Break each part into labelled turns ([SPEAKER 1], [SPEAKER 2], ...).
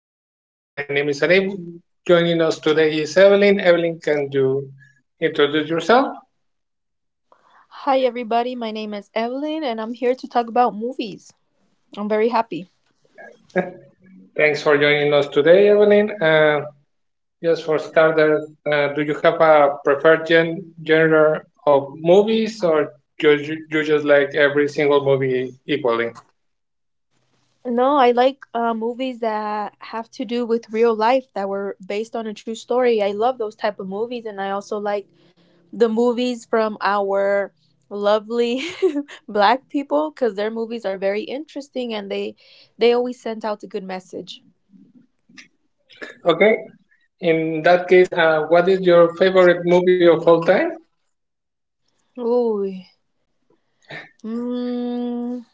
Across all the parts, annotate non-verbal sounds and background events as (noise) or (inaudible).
[SPEAKER 1] My name is Arif. Joining us today is Evelyn. Evelyn, can you introduce yourself?
[SPEAKER 2] Hi, everybody. My name is Evelyn, and I'm here to talk about movies. I'm very happy.
[SPEAKER 1] Thanks for joining us today, Evelyn. Just for starters, do you have a preferred genre of movies or you just like every single movie equally?
[SPEAKER 2] No, I like movies that have to do with real life that were based on a true story. I love those type of movies, and I also like the movies from our lovely (laughs) black people because their movies are very interesting and they always send out a good message.
[SPEAKER 1] Okay, in that case, what is your favorite movie of all time?
[SPEAKER 2] Ooh, mm,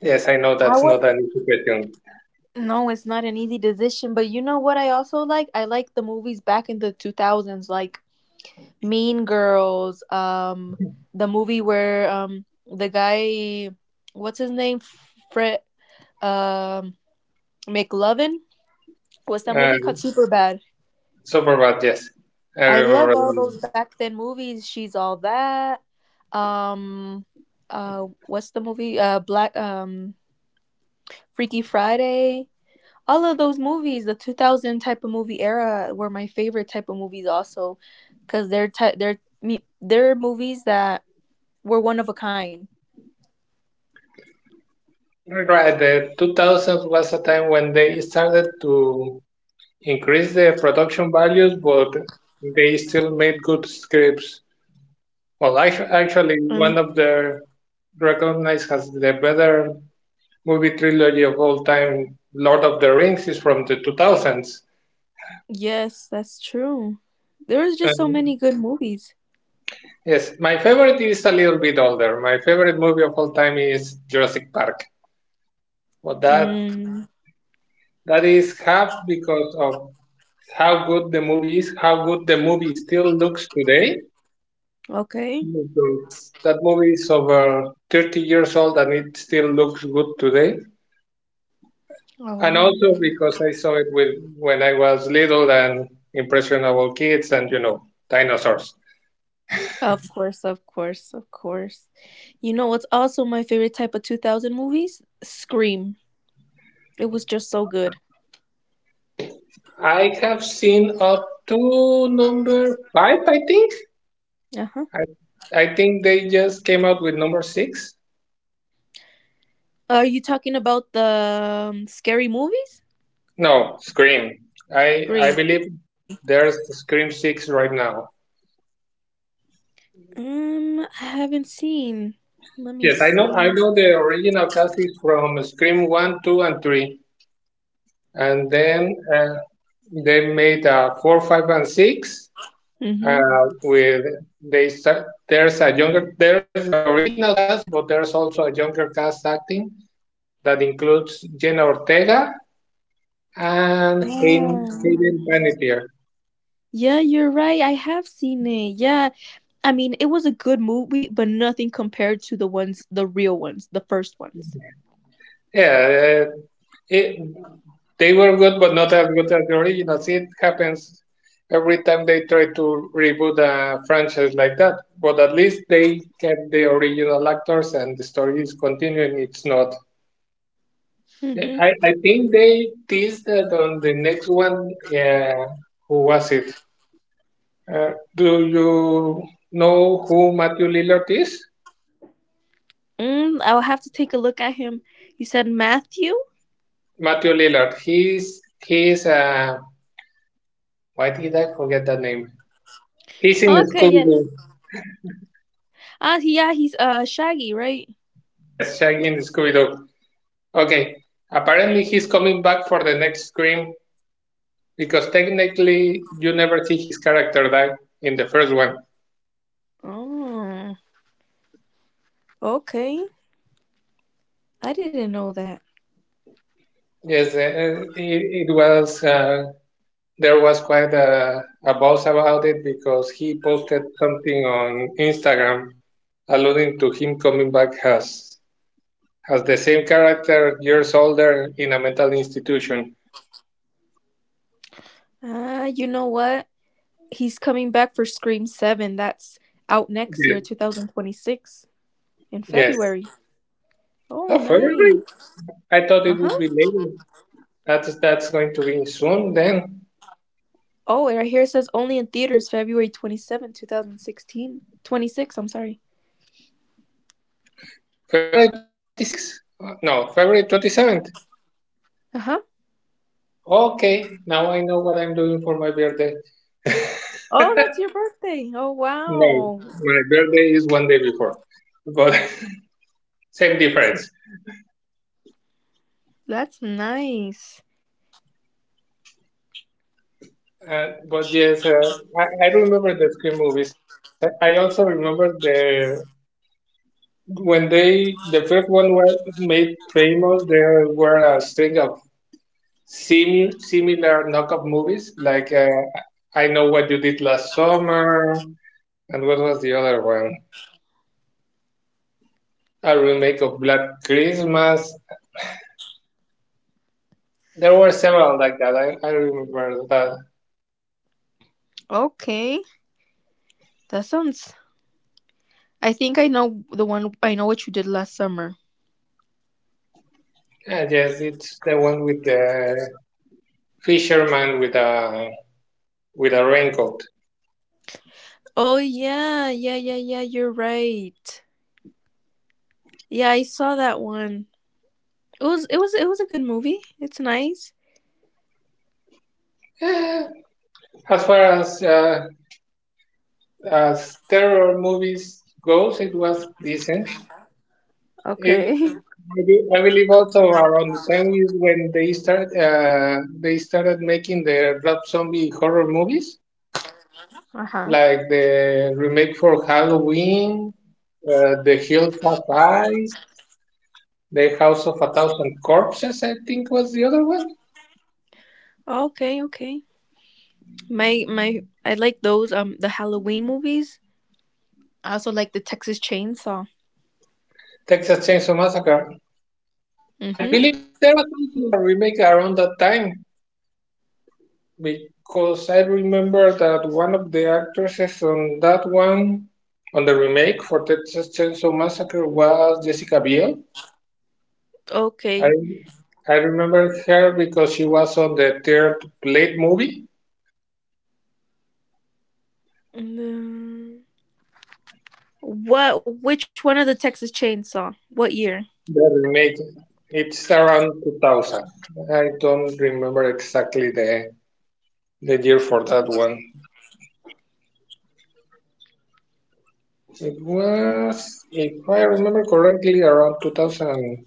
[SPEAKER 1] Yes, I know that's
[SPEAKER 2] how
[SPEAKER 1] not an easy question.
[SPEAKER 2] no, it's not an easy decision, but you know what I also like? I like the movies back in the 2000s, like Mean Girls. The movie where the guy, what's his name? Fred, um McLovin? What's that movie called?
[SPEAKER 1] Um,
[SPEAKER 2] Superbad.
[SPEAKER 1] Super bad, yes. I
[SPEAKER 2] I love
[SPEAKER 1] remember
[SPEAKER 2] all those
[SPEAKER 1] that.
[SPEAKER 2] back then movies. She's all that. Um what's the movie? Black Freaky Friday. All of those movies, the 2000 type of movie era, were my favorite type of movies also, because they're ty- they're mu- they're movies that were one of a kind.
[SPEAKER 1] Right, the 2000s was a time when they started to increase the production values, but they still made good scripts. Well,
[SPEAKER 2] Um,
[SPEAKER 1] actually, one of their recognized as the better movie trilogy of all time, Lord of the Rings, is from the 2000s.
[SPEAKER 2] yes, that's true. There was just so
[SPEAKER 1] And
[SPEAKER 2] many good movies.
[SPEAKER 1] yes, my favorite is a little bit older. My favorite movie of all time is Jurassic Park. But that
[SPEAKER 2] Mm,
[SPEAKER 1] that is half because of how good the movie is, how good the movie still looks today.
[SPEAKER 2] okay.
[SPEAKER 1] Because that movie is over 30 years old and it still looks good today. And
[SPEAKER 2] Um,
[SPEAKER 1] also because I saw it with when I was little and impressionable kids and you know dinosaurs.
[SPEAKER 2] of course, of course, of course. You know what's also my favorite type of 2000 movies? Scream. It was just so good.
[SPEAKER 1] I have seen up to number five, I think.
[SPEAKER 2] Uh huh.
[SPEAKER 1] I think they just came out with number six.
[SPEAKER 2] Are you talking about the scary movies?
[SPEAKER 1] No, Scream. I
[SPEAKER 2] Scream.
[SPEAKER 1] believe there's Scream six right now.
[SPEAKER 2] I haven't seen. Let me
[SPEAKER 1] Yes, I
[SPEAKER 2] see.
[SPEAKER 1] know. I know the original cast is from Scream One, Two, and Three, and then they made Four, Five, and Six.
[SPEAKER 2] Mm-hmm.
[SPEAKER 1] Uh, with there's a younger there's the original cast, but there's also a younger cast acting that includes Jenna Ortega and
[SPEAKER 2] Yeah.
[SPEAKER 1] Hayden Panettiere.
[SPEAKER 2] Yeah, you're right. I have seen it. Yeah. I mean, it was a good movie, but nothing compared to the ones, the real ones, the first ones.
[SPEAKER 1] Yeah, uh, it, they were good, but not as good as the originals. It happens every time they try to reboot a franchise like that. But at least they kept the original actors, and the story is continuing. It's not.
[SPEAKER 2] Mm-hmm.
[SPEAKER 1] I think they teased that on the next one. Yeah, who was it? Do you know who Matthew Lillard is?
[SPEAKER 2] I'll have to take a look at him. You said Matthew?
[SPEAKER 1] Matthew Lillard. He's why did I forget that name? He's in
[SPEAKER 2] Okay,
[SPEAKER 1] Scooby
[SPEAKER 2] yes.
[SPEAKER 1] Doo.
[SPEAKER 2] Ah, yeah, he's Shaggy, right?
[SPEAKER 1] Shaggy and Scooby Doo. Okay, apparently he's coming back for the next Scream because technically you never see his character die in the first one.
[SPEAKER 2] Oh, okay. I didn't know that.
[SPEAKER 1] Yes, it, it was. There was quite a buzz about it because he posted something on Instagram alluding to him coming back as the same character years older in a mental institution.
[SPEAKER 2] Ah, you know what? He's coming back for Scream 7. That's out next
[SPEAKER 1] Yes.
[SPEAKER 2] year, 2026, in
[SPEAKER 1] Yes.
[SPEAKER 2] February. Oh,
[SPEAKER 1] Oh, really?
[SPEAKER 2] nice.
[SPEAKER 1] I thought
[SPEAKER 2] Uh
[SPEAKER 1] it would be
[SPEAKER 2] huh.
[SPEAKER 1] later. That's going to be soon then.
[SPEAKER 2] Oh, and right here it says only in theaters February 27, 2016. 26, I'm sorry.
[SPEAKER 1] February 26th? No, February 27th.
[SPEAKER 2] Uh huh.
[SPEAKER 1] Okay, now I know what I'm doing for my birthday.
[SPEAKER 2] Oh, that's your birthday. Oh,
[SPEAKER 1] No,
[SPEAKER 2] wow.
[SPEAKER 1] my birthday is one day before, but (laughs) same difference.
[SPEAKER 2] That's nice.
[SPEAKER 1] Uh, but yes, uh, I remember the Scream movies. I also remember the when they the first one were made famous. There were a string of similar knockoff movies like I Know What You Did Last Summer, and what was the other one? A remake of Black Christmas. There were several like that. I remember that.
[SPEAKER 2] Okay. That sounds. I think I know the one. I know what you did last summer.
[SPEAKER 1] Ah, yes, it's the one with the fisherman with a raincoat.
[SPEAKER 2] Oh, yeah. Yeah, yeah, yeah. You're right. Yeah, I saw that one. It was a good movie. It's nice.
[SPEAKER 1] Eh, as far as terror movies goes, it was decent. It,
[SPEAKER 2] Okay. (laughs)
[SPEAKER 1] I believe also around the time we, when they started making the Rob Zombie horror movies,
[SPEAKER 2] Uh huh.
[SPEAKER 1] like the remake for Halloween, The Hills Have Eyes, The House of a Thousand Corpses, I think was the other one,
[SPEAKER 2] Okay, okay. My I like those the Halloween movies. I also like the Texas Chainsaw.
[SPEAKER 1] Texas Chainsaw Massacre. I
[SPEAKER 2] Mhm.
[SPEAKER 1] believe there was also a remake around that time because I remember that one of the actresses on that one, on the remake for Texas Chainsaw Massacre, was Jessica Biel. I
[SPEAKER 2] Okay.
[SPEAKER 1] I remember her because she was on the third Blade movie.
[SPEAKER 2] Mm, What which one of the Texas Chainsaw? What year?
[SPEAKER 1] They're it's around 2000. I don't remember exactly the year for that one. It was, if I remember correctly, around 2003.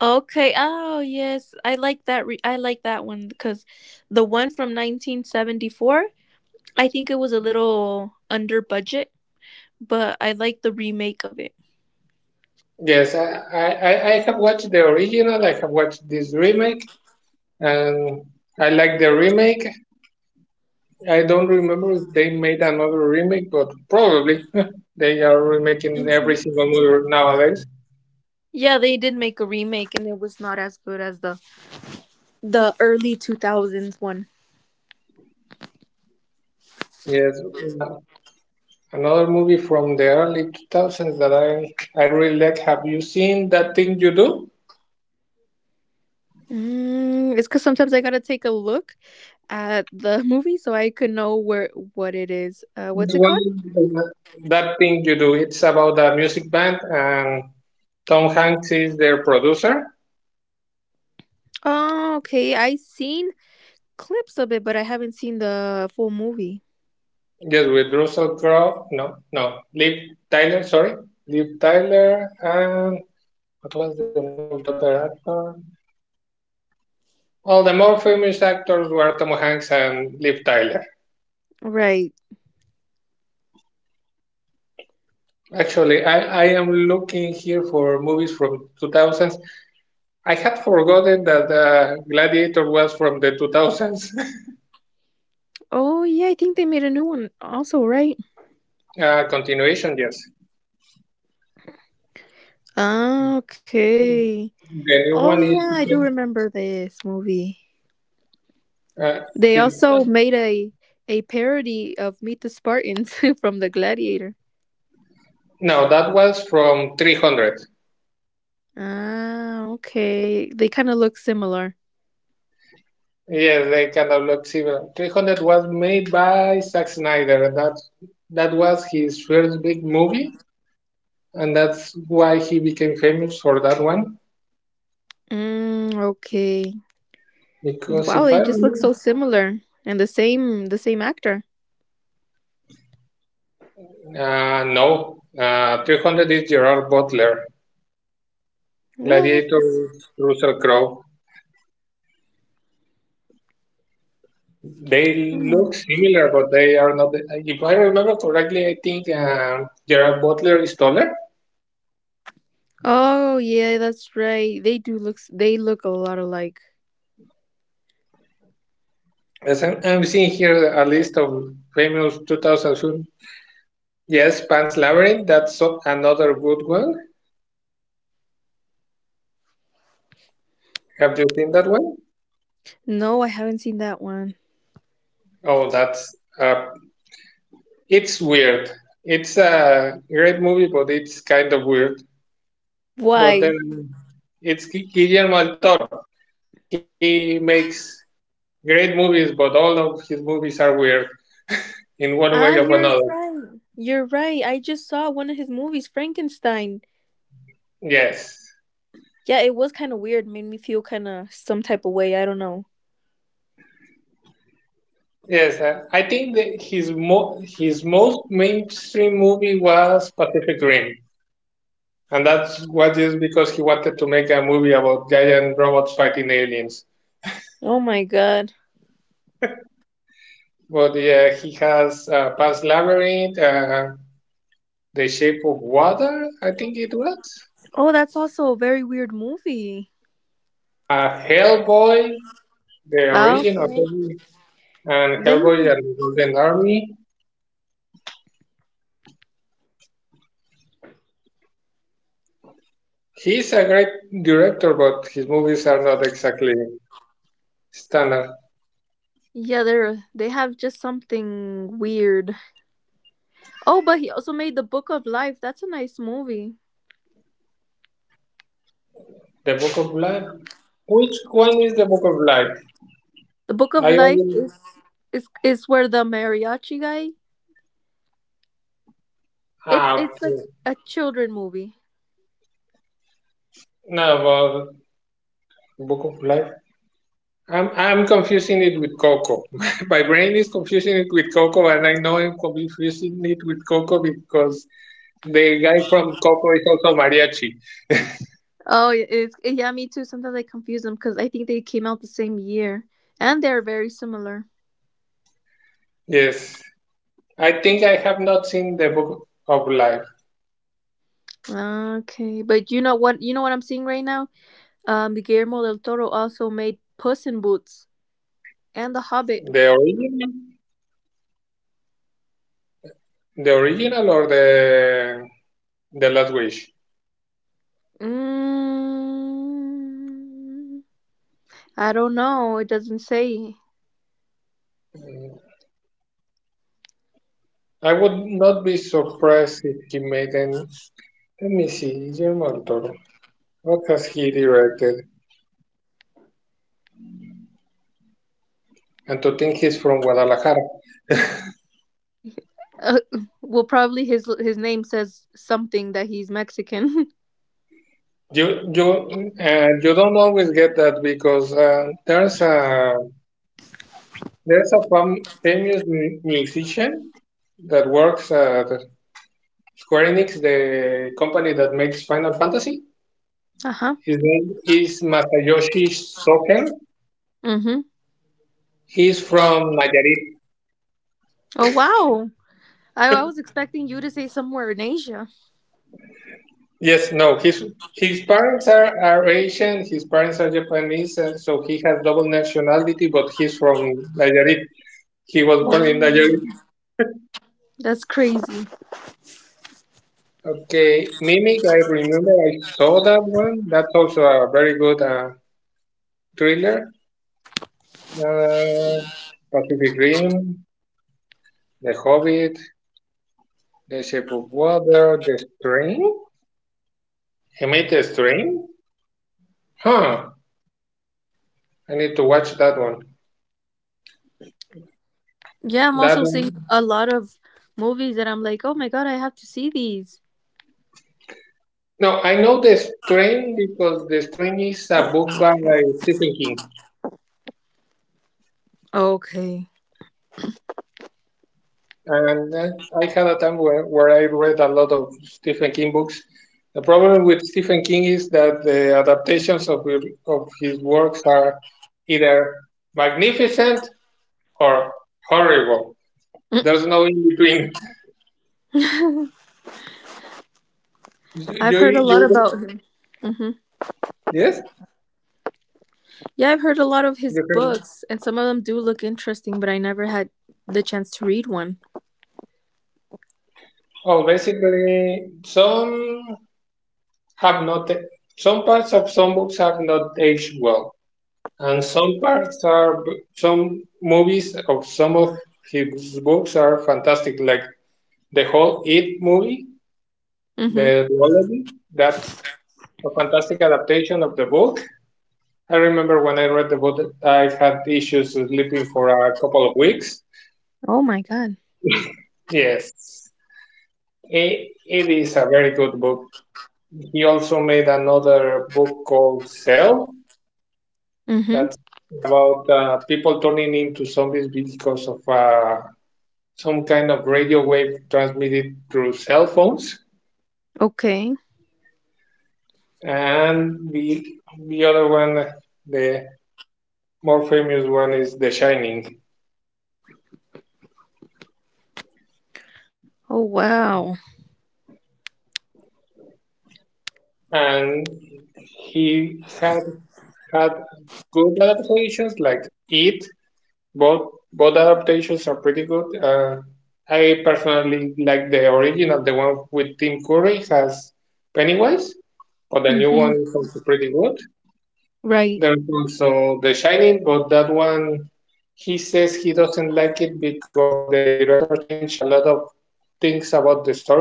[SPEAKER 2] Okay. Oh, yes. I like that one because the one from 1974, I think it was a little under budget, but I like the remake of it.
[SPEAKER 1] Yes, I have watched the original, I have watched this remake, and I like the remake. I don't remember if they made another remake, but probably (laughs) they are remaking
[SPEAKER 2] Mhm.
[SPEAKER 1] every single movie nowadays.
[SPEAKER 2] Yeah, they did make a remake, and it was not as good as the early 2000s one.
[SPEAKER 1] Yes, another movie from the early 2000s that I really like. Have you seen That Thing You Do?
[SPEAKER 2] It's because sometimes I gotta take a look at the (laughs) movie so I could know where what it is.
[SPEAKER 1] The
[SPEAKER 2] What's it called?
[SPEAKER 1] one That Thing You Do. It's about a music band and Tom Hanks is their producer.
[SPEAKER 2] Oh, okay. I seen clips of it, but I haven't seen the full movie.
[SPEAKER 1] Yes, with Russell Crowe. No, no. Liv Tyler, sorry. Liv Tyler and what was the name of the other actor? Well, the more famous actors were Tom Hanks and Liv Tyler.
[SPEAKER 2] Right.
[SPEAKER 1] Actually, I am looking here for movies from 2000. I had forgotten that Gladiator was from the 2000s.
[SPEAKER 2] Oh yeah, I think they made a new one also. Right.
[SPEAKER 1] (laughs) Continuation, yes.
[SPEAKER 2] Ah, okay.
[SPEAKER 1] The new
[SPEAKER 2] Oh
[SPEAKER 1] one is.
[SPEAKER 2] yeah, I do remember this movie.
[SPEAKER 1] Uh,
[SPEAKER 2] They
[SPEAKER 1] did,
[SPEAKER 2] also made a parody of Meet the Spartans (laughs) from the Gladiator.
[SPEAKER 1] no, that was from 300.
[SPEAKER 2] Ah, okay. They kind of look similar.
[SPEAKER 1] Yes, they kind of look similar. 300 was made by Zack Snyder. That was his first big movie, and that's why he became famous for that one.
[SPEAKER 2] Mm, okay.
[SPEAKER 1] Because
[SPEAKER 2] Wow,
[SPEAKER 1] if I
[SPEAKER 2] they just look
[SPEAKER 1] remember.
[SPEAKER 2] so similar, and the same actor.
[SPEAKER 1] No, 300 is Gerard Butler.
[SPEAKER 2] What?
[SPEAKER 1] Gladiator is Russell Crowe. They
[SPEAKER 2] Hmm.
[SPEAKER 1] look similar, but they are not. If I remember correctly, I think Gerard Butler is taller.
[SPEAKER 2] Oh, yeah, that's right. They do they look a lot alike.
[SPEAKER 1] As I'm seeing here a list of famous 2000 films. Yes, Pan's Labyrinth. Another good one. Have you seen that one?
[SPEAKER 2] No, I haven't seen that one.
[SPEAKER 1] Oh, that's uh, it's weird. It's a great movie, but it's kind of weird. But then
[SPEAKER 2] Why?
[SPEAKER 1] it's Guillermo del Toro. He makes great movies, but all of his movies are weird in one
[SPEAKER 2] Ah,
[SPEAKER 1] way or
[SPEAKER 2] you're
[SPEAKER 1] another.
[SPEAKER 2] right. You're right. I just saw one of his movies, Frankenstein.
[SPEAKER 1] Yes,
[SPEAKER 2] Yeah, it was kind of weird. Made me feel kind of some type of way. I don't know.
[SPEAKER 1] yes. I think that his most mainstream movie was Pacific Rim, and that's was just because he wanted to make a movie about giant robots fighting aliens.
[SPEAKER 2] Oh my god.
[SPEAKER 1] But yeah, he has Pan's Labyrinth, The Shape of Water, I think it was,
[SPEAKER 2] Oh, that's also a very weird movie.
[SPEAKER 1] Hellboy, The
[SPEAKER 2] Ah,
[SPEAKER 1] Origin of
[SPEAKER 2] okay.
[SPEAKER 1] Evil, and Hellboy
[SPEAKER 2] Then
[SPEAKER 1] and the Golden Army. He's a great director, but his movies are not exactly standard.
[SPEAKER 2] yeah, they have just something weird. Oh, but he also made the Book of Life. That's a nice movie.
[SPEAKER 1] The Book of Blood? Which one is the Book of Life?
[SPEAKER 2] The Book of
[SPEAKER 1] I
[SPEAKER 2] Life
[SPEAKER 1] only
[SPEAKER 2] is where the mariachi guy. It's
[SPEAKER 1] ah,
[SPEAKER 2] it's like
[SPEAKER 1] okay.
[SPEAKER 2] a children movie.
[SPEAKER 1] No, well, Book of Life. I'm confusing it with Coco. (laughs) My brain is confusing it with Coco, and I know I'm confusing it with Coco because the guy from Coco is also mariachi.
[SPEAKER 2] Oh, yeah, it's yeah, me too. Sometimes I confuse them because I think they came out the same year and they're very similar.
[SPEAKER 1] Yes, I think I have not seen the Book of Life,
[SPEAKER 2] Okay, but you know what? You know what I'm seeing right now. Guillermo del Toro also made Puss in Boots and The Hobbit.
[SPEAKER 1] the original, the original or the Last Wish.
[SPEAKER 2] Mm. I don't know. It doesn't say.
[SPEAKER 1] I would not be surprised if he made an. Let me see, Guillermo del Toro. What has he directed? And to think he's from Guadalajara.
[SPEAKER 2] Uh, (laughs) well, probably his name says something that he's Mexican.
[SPEAKER 1] You don't always get that because there's a famous musician that works at Square Enix, the company that makes Final Fantasy.
[SPEAKER 2] (laughs) Uh huh.
[SPEAKER 1] His name is Masayoshi Soken.
[SPEAKER 2] Mm hmm.
[SPEAKER 1] He's from Nayarit.
[SPEAKER 2] Oh wow. I was expecting you to say somewhere in Asia.
[SPEAKER 1] Yes, no, his parents are Asian, his parents are Japanese, and so he has double nationality, but he's from Nayarit. He was born in
[SPEAKER 2] Wow.
[SPEAKER 1] Nayarit.
[SPEAKER 2] That's crazy.
[SPEAKER 1] Okay, Mimic, I remember I saw that one. That's also a very good thriller. Uh, Pacific Rim, The Hobbit, The Shape of Water, The Strain. He made The Strain? Huh, I need to watch that one.
[SPEAKER 2] Yeah, I'm
[SPEAKER 1] That
[SPEAKER 2] also seeing
[SPEAKER 1] one
[SPEAKER 2] a lot of movies that I'm like, oh my god, I have to see these.
[SPEAKER 1] No, I know The Strain because The Strain is a book by Stephen King.
[SPEAKER 2] Okay.
[SPEAKER 1] And I had a time where I read a lot of Stephen King books. The problem with Stephen King is that the adaptations of his works are either magnificent or horrible.
[SPEAKER 2] Mm,
[SPEAKER 1] There's no in between.
[SPEAKER 2] I've
[SPEAKER 1] You,
[SPEAKER 2] heard a
[SPEAKER 1] you,
[SPEAKER 2] lot
[SPEAKER 1] you,
[SPEAKER 2] about him. Hmm.
[SPEAKER 1] yes?
[SPEAKER 2] Yeah, I've heard a lot of
[SPEAKER 1] You
[SPEAKER 2] his
[SPEAKER 1] heard me?
[SPEAKER 2] books, and some of them do look interesting, but I never had the chance to read one.
[SPEAKER 1] Oh, basically, some have not, some parts of some books have not aged well. And some movies or some of his books are fantastic, like the whole It movie, the
[SPEAKER 2] Mm-hmm.
[SPEAKER 1] duology. That's a fantastic adaptation of the book. I remember when I read the book, I had issues sleeping for a couple of weeks.
[SPEAKER 2] Oh my god.
[SPEAKER 1] Yes, it is a very good book. He also made another book called Cell,
[SPEAKER 2] Mm-hmm.
[SPEAKER 1] that's about people turning into zombies because of a some kind of radio wave transmitted through cell phones.
[SPEAKER 2] Okay.
[SPEAKER 1] And the other one, the more famous one, is The Shining.
[SPEAKER 2] Oh wow.
[SPEAKER 1] And he had good adaptations like It. Both both adaptations are pretty good. I personally like the original, the one with Tim Curry has Pennywise, but the new one
[SPEAKER 2] Mm-hmm.
[SPEAKER 1] is also pretty good.
[SPEAKER 2] Right.
[SPEAKER 1] There's also The Shining, but that one, he says he doesn't like it because the director changed a lot of things about the story.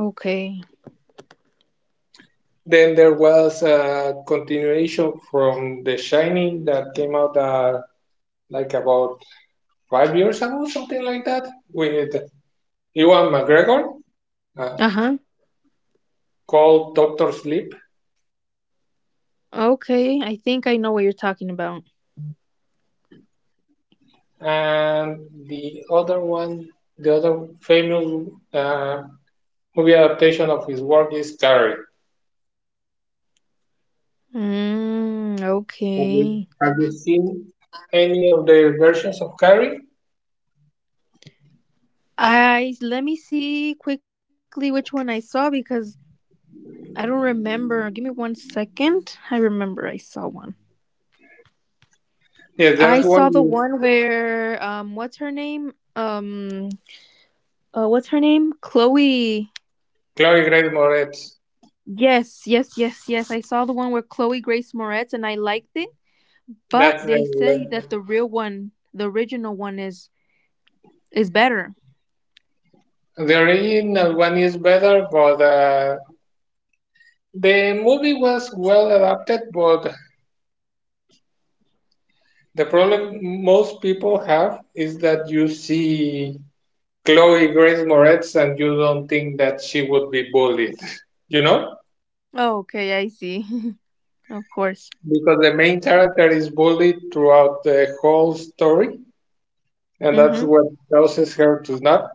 [SPEAKER 2] Okay.
[SPEAKER 1] Then there was a continuation from The Shining that came out like about 5 years ago, something like that, with Ewan McGregor uh,
[SPEAKER 2] Uh huh.
[SPEAKER 1] called Doctor Sleep.
[SPEAKER 2] Okay. I think I know what you're talking about.
[SPEAKER 1] And the other one, the other famous uh, movie adaptation of his work is Carrie.
[SPEAKER 2] Mm, okay.
[SPEAKER 1] Have you seen any of the versions of Carrie?
[SPEAKER 2] I Let me see quickly which one I saw, because I don't remember. Give me 1 second. I remember I saw one.
[SPEAKER 1] Yes,
[SPEAKER 2] I
[SPEAKER 1] there's
[SPEAKER 2] saw
[SPEAKER 1] one
[SPEAKER 2] the
[SPEAKER 1] with
[SPEAKER 2] one where what's her name? What's her name? Chloe.
[SPEAKER 1] Chloe Grace Moretz.
[SPEAKER 2] Yes, yes, yes, yes. I saw the one where Chloe Grace Moretz, and I liked it. But
[SPEAKER 1] That's
[SPEAKER 2] they say that the real one, the original one, is better.
[SPEAKER 1] the original one is better, but the movie was well adapted. But the problem most people have is that you see Chloe Grace Moretz and you don't think that she would be bullied, (laughs) you know,
[SPEAKER 2] Oh, okay, I see. (laughs) Of course.
[SPEAKER 1] because the main character is bullied throughout the whole story and that's
[SPEAKER 2] Mhm.
[SPEAKER 1] what causes her to snap.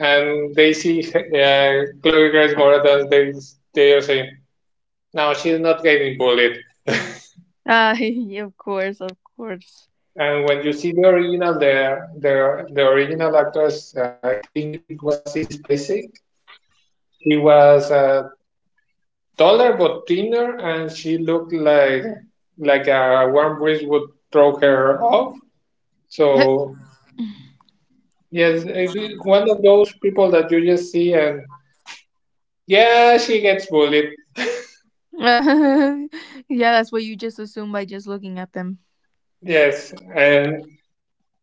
[SPEAKER 1] And they see Chloe Grace Moretz, they are saying, "No, she's not getting bullied."
[SPEAKER 2] Uh, (laughs) of course, of course.
[SPEAKER 1] And when you see the original, the original actress, I think it was Sissy Spacek. She was taller but thinner, and she looked like a warm breeze would throw her off.
[SPEAKER 2] (laughs) Yeah,
[SPEAKER 1] So yes, it is one of those people that you just see, and yeah, she gets bullied.
[SPEAKER 2] that's what you just assume by just looking at them.
[SPEAKER 1] Yes, and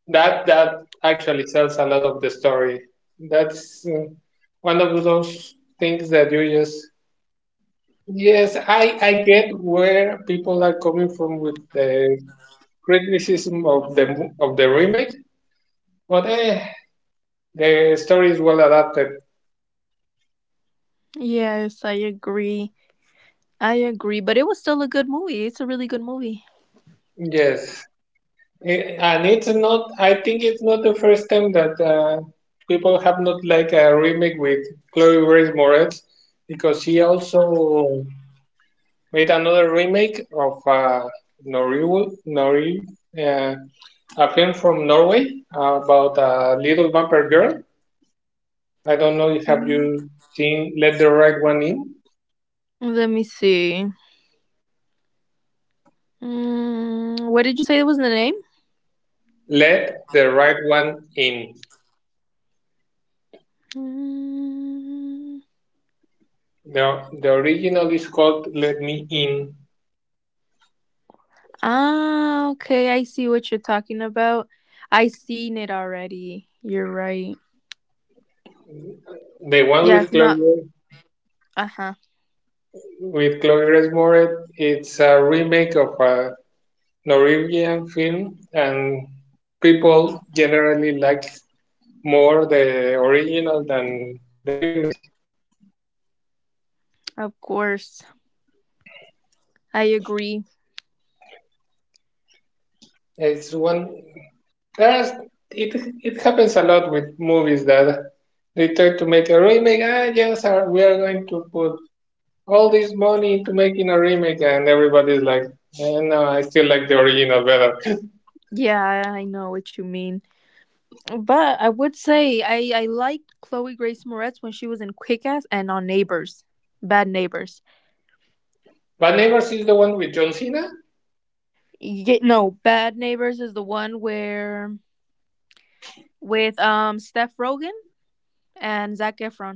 [SPEAKER 1] that actually tells a lot of the story. That's one of those things that you just, yes, I get where people are coming from with the criticism of the of the remake, but the story is well adapted.
[SPEAKER 2] Yes, I agree. I agree, but it was still a good movie. It's a really good movie.
[SPEAKER 1] Yes. And it's not. I think it's not the first time that people have not liked a remake with Chloe Grace Moretz, because she also made another remake of Nori, uh, a film from Norway about a little vampire girl. I don't know if, have
[SPEAKER 2] Mm,
[SPEAKER 1] you seen Let the Right One In?
[SPEAKER 2] Let me see. What did you say was the name?
[SPEAKER 1] Let the Right One In.
[SPEAKER 2] Mm,
[SPEAKER 1] The original is called Let Me In.
[SPEAKER 2] Ah, okay. I see what you're talking about. I seen it already. You're right.
[SPEAKER 1] The one
[SPEAKER 2] Yeah,
[SPEAKER 1] with
[SPEAKER 2] it's not.
[SPEAKER 1] Chloe,
[SPEAKER 2] Uh huh.
[SPEAKER 1] with Chloe Grace Moretz, it's a remake of a Norwegian film, and people generally like more the original than the remake.
[SPEAKER 2] Of course. I agree.
[SPEAKER 1] It's one there's it It happens a lot with movies that they try to make a remake. Ah, yes, we are going to put all this money into making a remake, and everybody's like, no, I still like the original better. (laughs)
[SPEAKER 2] Yeah, I know what you mean. But I would say I liked Chloe Grace Moretz when she was in Quick Ass and on Neighbors. Bad Neighbors.
[SPEAKER 1] But never sees the one with John Cena.
[SPEAKER 2] No, Bad Neighbors is the one where with Steph Rogan and Zac Efron,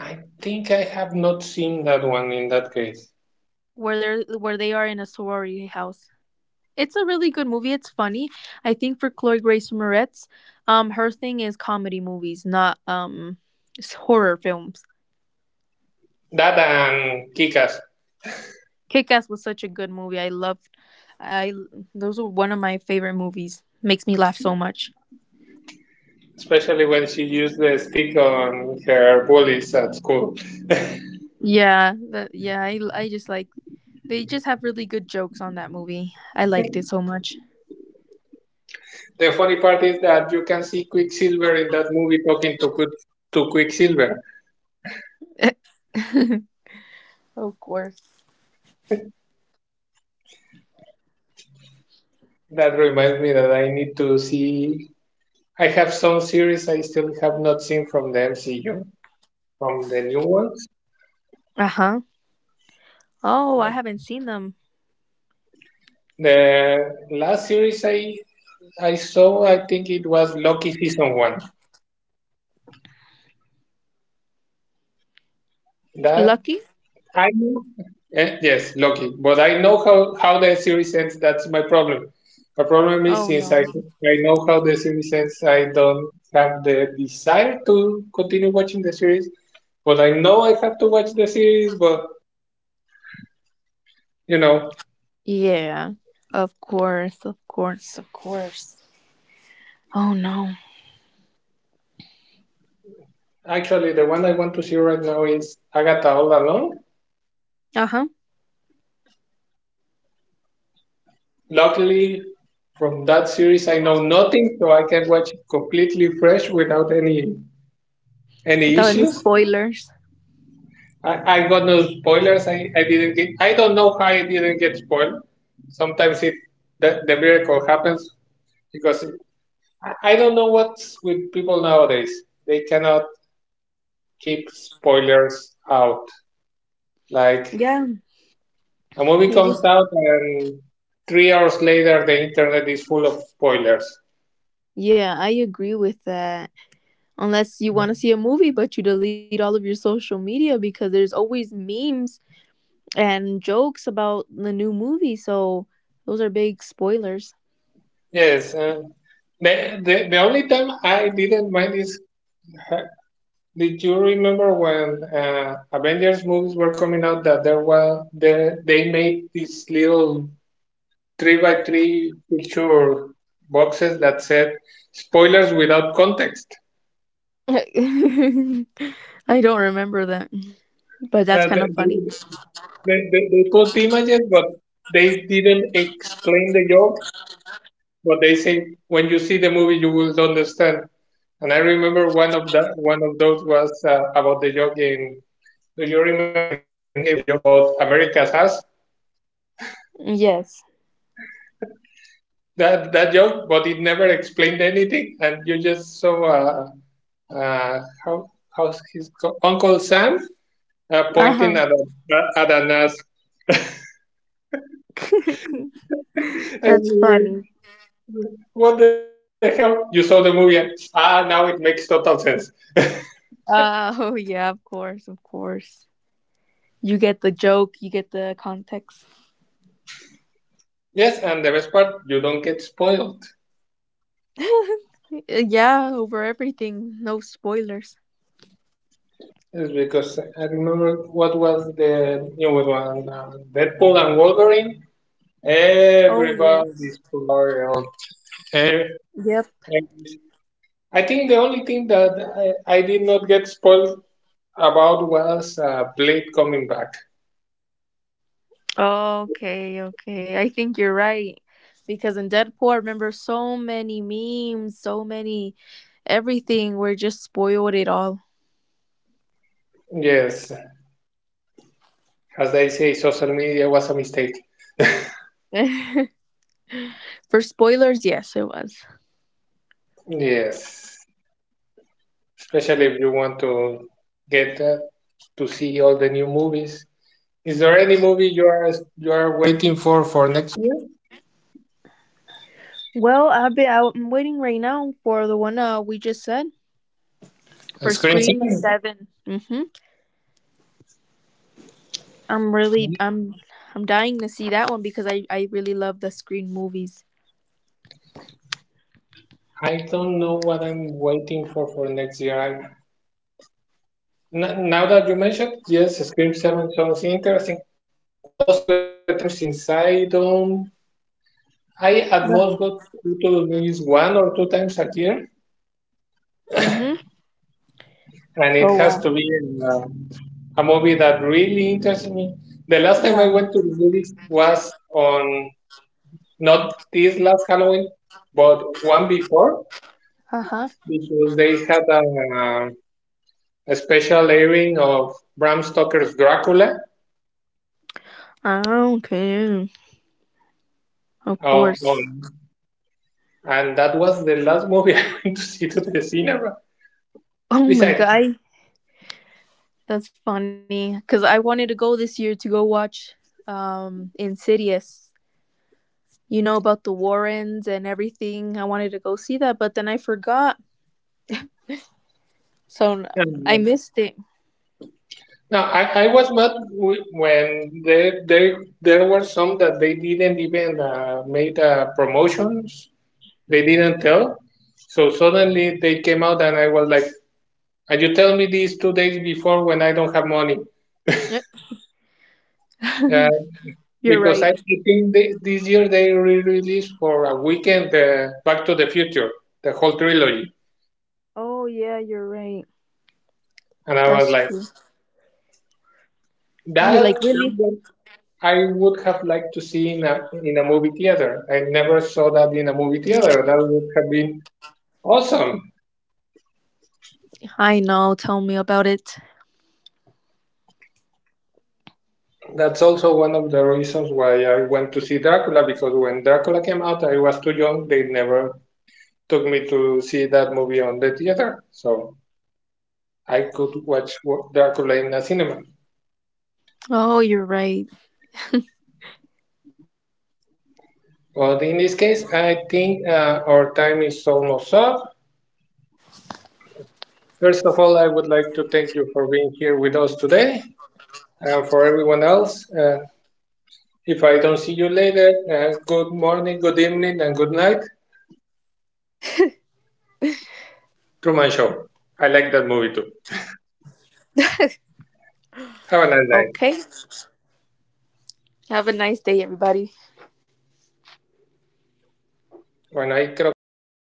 [SPEAKER 1] I think I have not seen that one in that case.
[SPEAKER 2] where they are in a sorority house. It's a really good movie. It's funny. I think for Chloe Grace Moretz, her thing is comedy movies, not horror films.
[SPEAKER 1] That and Kikas,
[SPEAKER 2] Kick Ass was such a good movie. I loved. I Those were one of my favorite movies. Makes me laugh so much.
[SPEAKER 1] especially when she used the stick on her bullies at school.
[SPEAKER 2] Yeah, that, yeah. I just like they just have really good jokes on that movie. I liked it so much.
[SPEAKER 1] The funny part is that you can see Quicksilver in that movie talking to Qu to Quicksilver.
[SPEAKER 2] (laughs) Of course.
[SPEAKER 1] That reminds me that I need to see. I have some series I still have not seen from the MCU, from the new ones.
[SPEAKER 2] Uh huh. Oh, I haven't seen them.
[SPEAKER 1] The last series I saw, I think it was Loki season 1. That,
[SPEAKER 2] Lucky?
[SPEAKER 1] I know. Yes, lucky. But I know how the series ends. That's my problem. My problem is,
[SPEAKER 2] Oh
[SPEAKER 1] since I
[SPEAKER 2] no.
[SPEAKER 1] I know how the series ends, I don't have the desire to continue watching the series. But I know I have to watch the series. But you know,
[SPEAKER 2] Yeah. Of course. Of course. Of course. Oh no.
[SPEAKER 1] actually, the one I want to see right now is Agatha All Along.
[SPEAKER 2] Uh huh.
[SPEAKER 1] Luckily, from that series, I know nothing, so I can watch it completely fresh without any
[SPEAKER 2] Without any
[SPEAKER 1] issues.
[SPEAKER 2] spoilers.
[SPEAKER 1] I, I got no spoilers. I didn't get. I don't know how I didn't get spoiled. Sometimes the miracle happens, because it, I don't know what's with people nowadays. They cannot keep spoilers out. Like,
[SPEAKER 2] Yeah.
[SPEAKER 1] a movie
[SPEAKER 2] They
[SPEAKER 1] comes
[SPEAKER 2] just.
[SPEAKER 1] out and three hours later the internet is full of spoilers.
[SPEAKER 2] Yeah, I agree with that. Unless you want to see a movie, but you delete all of your social media because there's always memes and jokes about the new movie. So those are big spoilers.
[SPEAKER 1] Yes. The only time I didn't mind is, uh, did you remember when Avengers movies were coming out, that there was, they made these little 3x3 picture boxes that said spoilers without context?
[SPEAKER 2] (laughs) I don't remember that, but that's
[SPEAKER 1] Uh, they,
[SPEAKER 2] kind of
[SPEAKER 1] they,
[SPEAKER 2] funny.
[SPEAKER 1] they put images, but they didn't explain the joke. But they say, when you see the movie, you will understand. And I remember one of those was about the joke in. Do you remember in Endgame the joke about America's ass?
[SPEAKER 2] Yes.
[SPEAKER 1] That that joke, but it never explained anything, and you just saw how Uncle Sam pointing
[SPEAKER 2] Uh
[SPEAKER 1] at at a nurse,
[SPEAKER 2] huh. (laughs)
[SPEAKER 1] and
[SPEAKER 2] That's
[SPEAKER 1] you went,
[SPEAKER 2] funny.
[SPEAKER 1] what the hell? You saw the movie, and, ah, now it makes total sense. (laughs)
[SPEAKER 2] Oh, yeah, of course, of course. You get the joke, you get the context.
[SPEAKER 1] Yes, and the best part, you don't get spoiled.
[SPEAKER 2] (laughs) Yeah, over everything. No spoilers.
[SPEAKER 1] It's because I remember what was the you one, Deadpool and Wolverine.
[SPEAKER 2] Oh, yes.
[SPEAKER 1] Everybody's spoiled. Every
[SPEAKER 2] Yep.
[SPEAKER 1] I think the only thing that I did not get spoiled about was Blade coming back.
[SPEAKER 2] Okay, okay. I think you're right. Because in Deadpool, I remember so many memes, so many everything were just spoiled it all.
[SPEAKER 1] Yes, as I say, social media was a mistake.
[SPEAKER 2] (laughs) For spoilers, yes, it was.
[SPEAKER 1] Yes, especially if you want to get to see all the new movies. Is there any movie you are, you are waiting for next year?
[SPEAKER 2] Well, I'm waiting right now for the one, we just said, for
[SPEAKER 1] Scream
[SPEAKER 2] Scream
[SPEAKER 1] Seven.
[SPEAKER 2] 7. Mm-hmm. I'm really I'm dying to see that one because I really love the Scream movies.
[SPEAKER 1] I don't know what I'm waiting for next year. N- now that you mentioned, yes, Scream 7 sounds interesting. Well, most of the time, since I don't, I at
[SPEAKER 2] Yeah.
[SPEAKER 1] most go to movies one or two times a year,
[SPEAKER 2] Mhm.
[SPEAKER 1] and it
[SPEAKER 2] Oh
[SPEAKER 1] has
[SPEAKER 2] wow.
[SPEAKER 1] to be in, a movie that really interests me. The last time I
[SPEAKER 2] Yeah.
[SPEAKER 1] went to the movies was on, not this last Halloween, but one before,
[SPEAKER 2] Uh huh.
[SPEAKER 1] because they had a special airing of Bram Stoker's Dracula,
[SPEAKER 2] I don't care. Of
[SPEAKER 1] uh,
[SPEAKER 2] course.
[SPEAKER 1] on, and that was the last movie (laughs) I went to see to the cinema.
[SPEAKER 2] Oh my
[SPEAKER 1] Besides,
[SPEAKER 2] god, that's funny. Cause I wanted to go this year to go watch Insidious. You know about the Warrens and everything. I wanted to go see that, but then I forgot, so I
[SPEAKER 1] um,
[SPEAKER 2] missed it.
[SPEAKER 1] no, I was mad when there were some that they didn't even made promotions. They didn't tell. So suddenly they came out and I was like, and you tell me this two days before when I don't have money.
[SPEAKER 2] Yep,
[SPEAKER 1] Uh,
[SPEAKER 2] you're
[SPEAKER 1] because
[SPEAKER 2] right.
[SPEAKER 1] I think this year they re-released for a weekend Back to the Future, the whole trilogy.
[SPEAKER 2] Oh yeah, you're right.
[SPEAKER 1] And I was
[SPEAKER 2] That's
[SPEAKER 1] like,
[SPEAKER 2] true. You're
[SPEAKER 1] that
[SPEAKER 2] like really?
[SPEAKER 1] I would have liked to see in a movie theater. I never saw that in a movie theater. That would have been awesome.
[SPEAKER 2] I know. Tell me about it.
[SPEAKER 1] That's also one of the reasons why I went to see Dracula, because when Dracula came out, I was too young. They never took me to see that movie on the theater, so I could watch Dracula in a cinema.
[SPEAKER 2] Oh, you're right.
[SPEAKER 1] But in this case, I think our time is almost up. First of all, I would like to thank you for being here with us today, and for everyone else. If I don't see you later, good morning, good evening, and good night. Truman Show. I like that movie too. Have a nice day.
[SPEAKER 2] Okay. Have a nice day, everybody.
[SPEAKER 1] Bueno, ahí creo que ya quedó.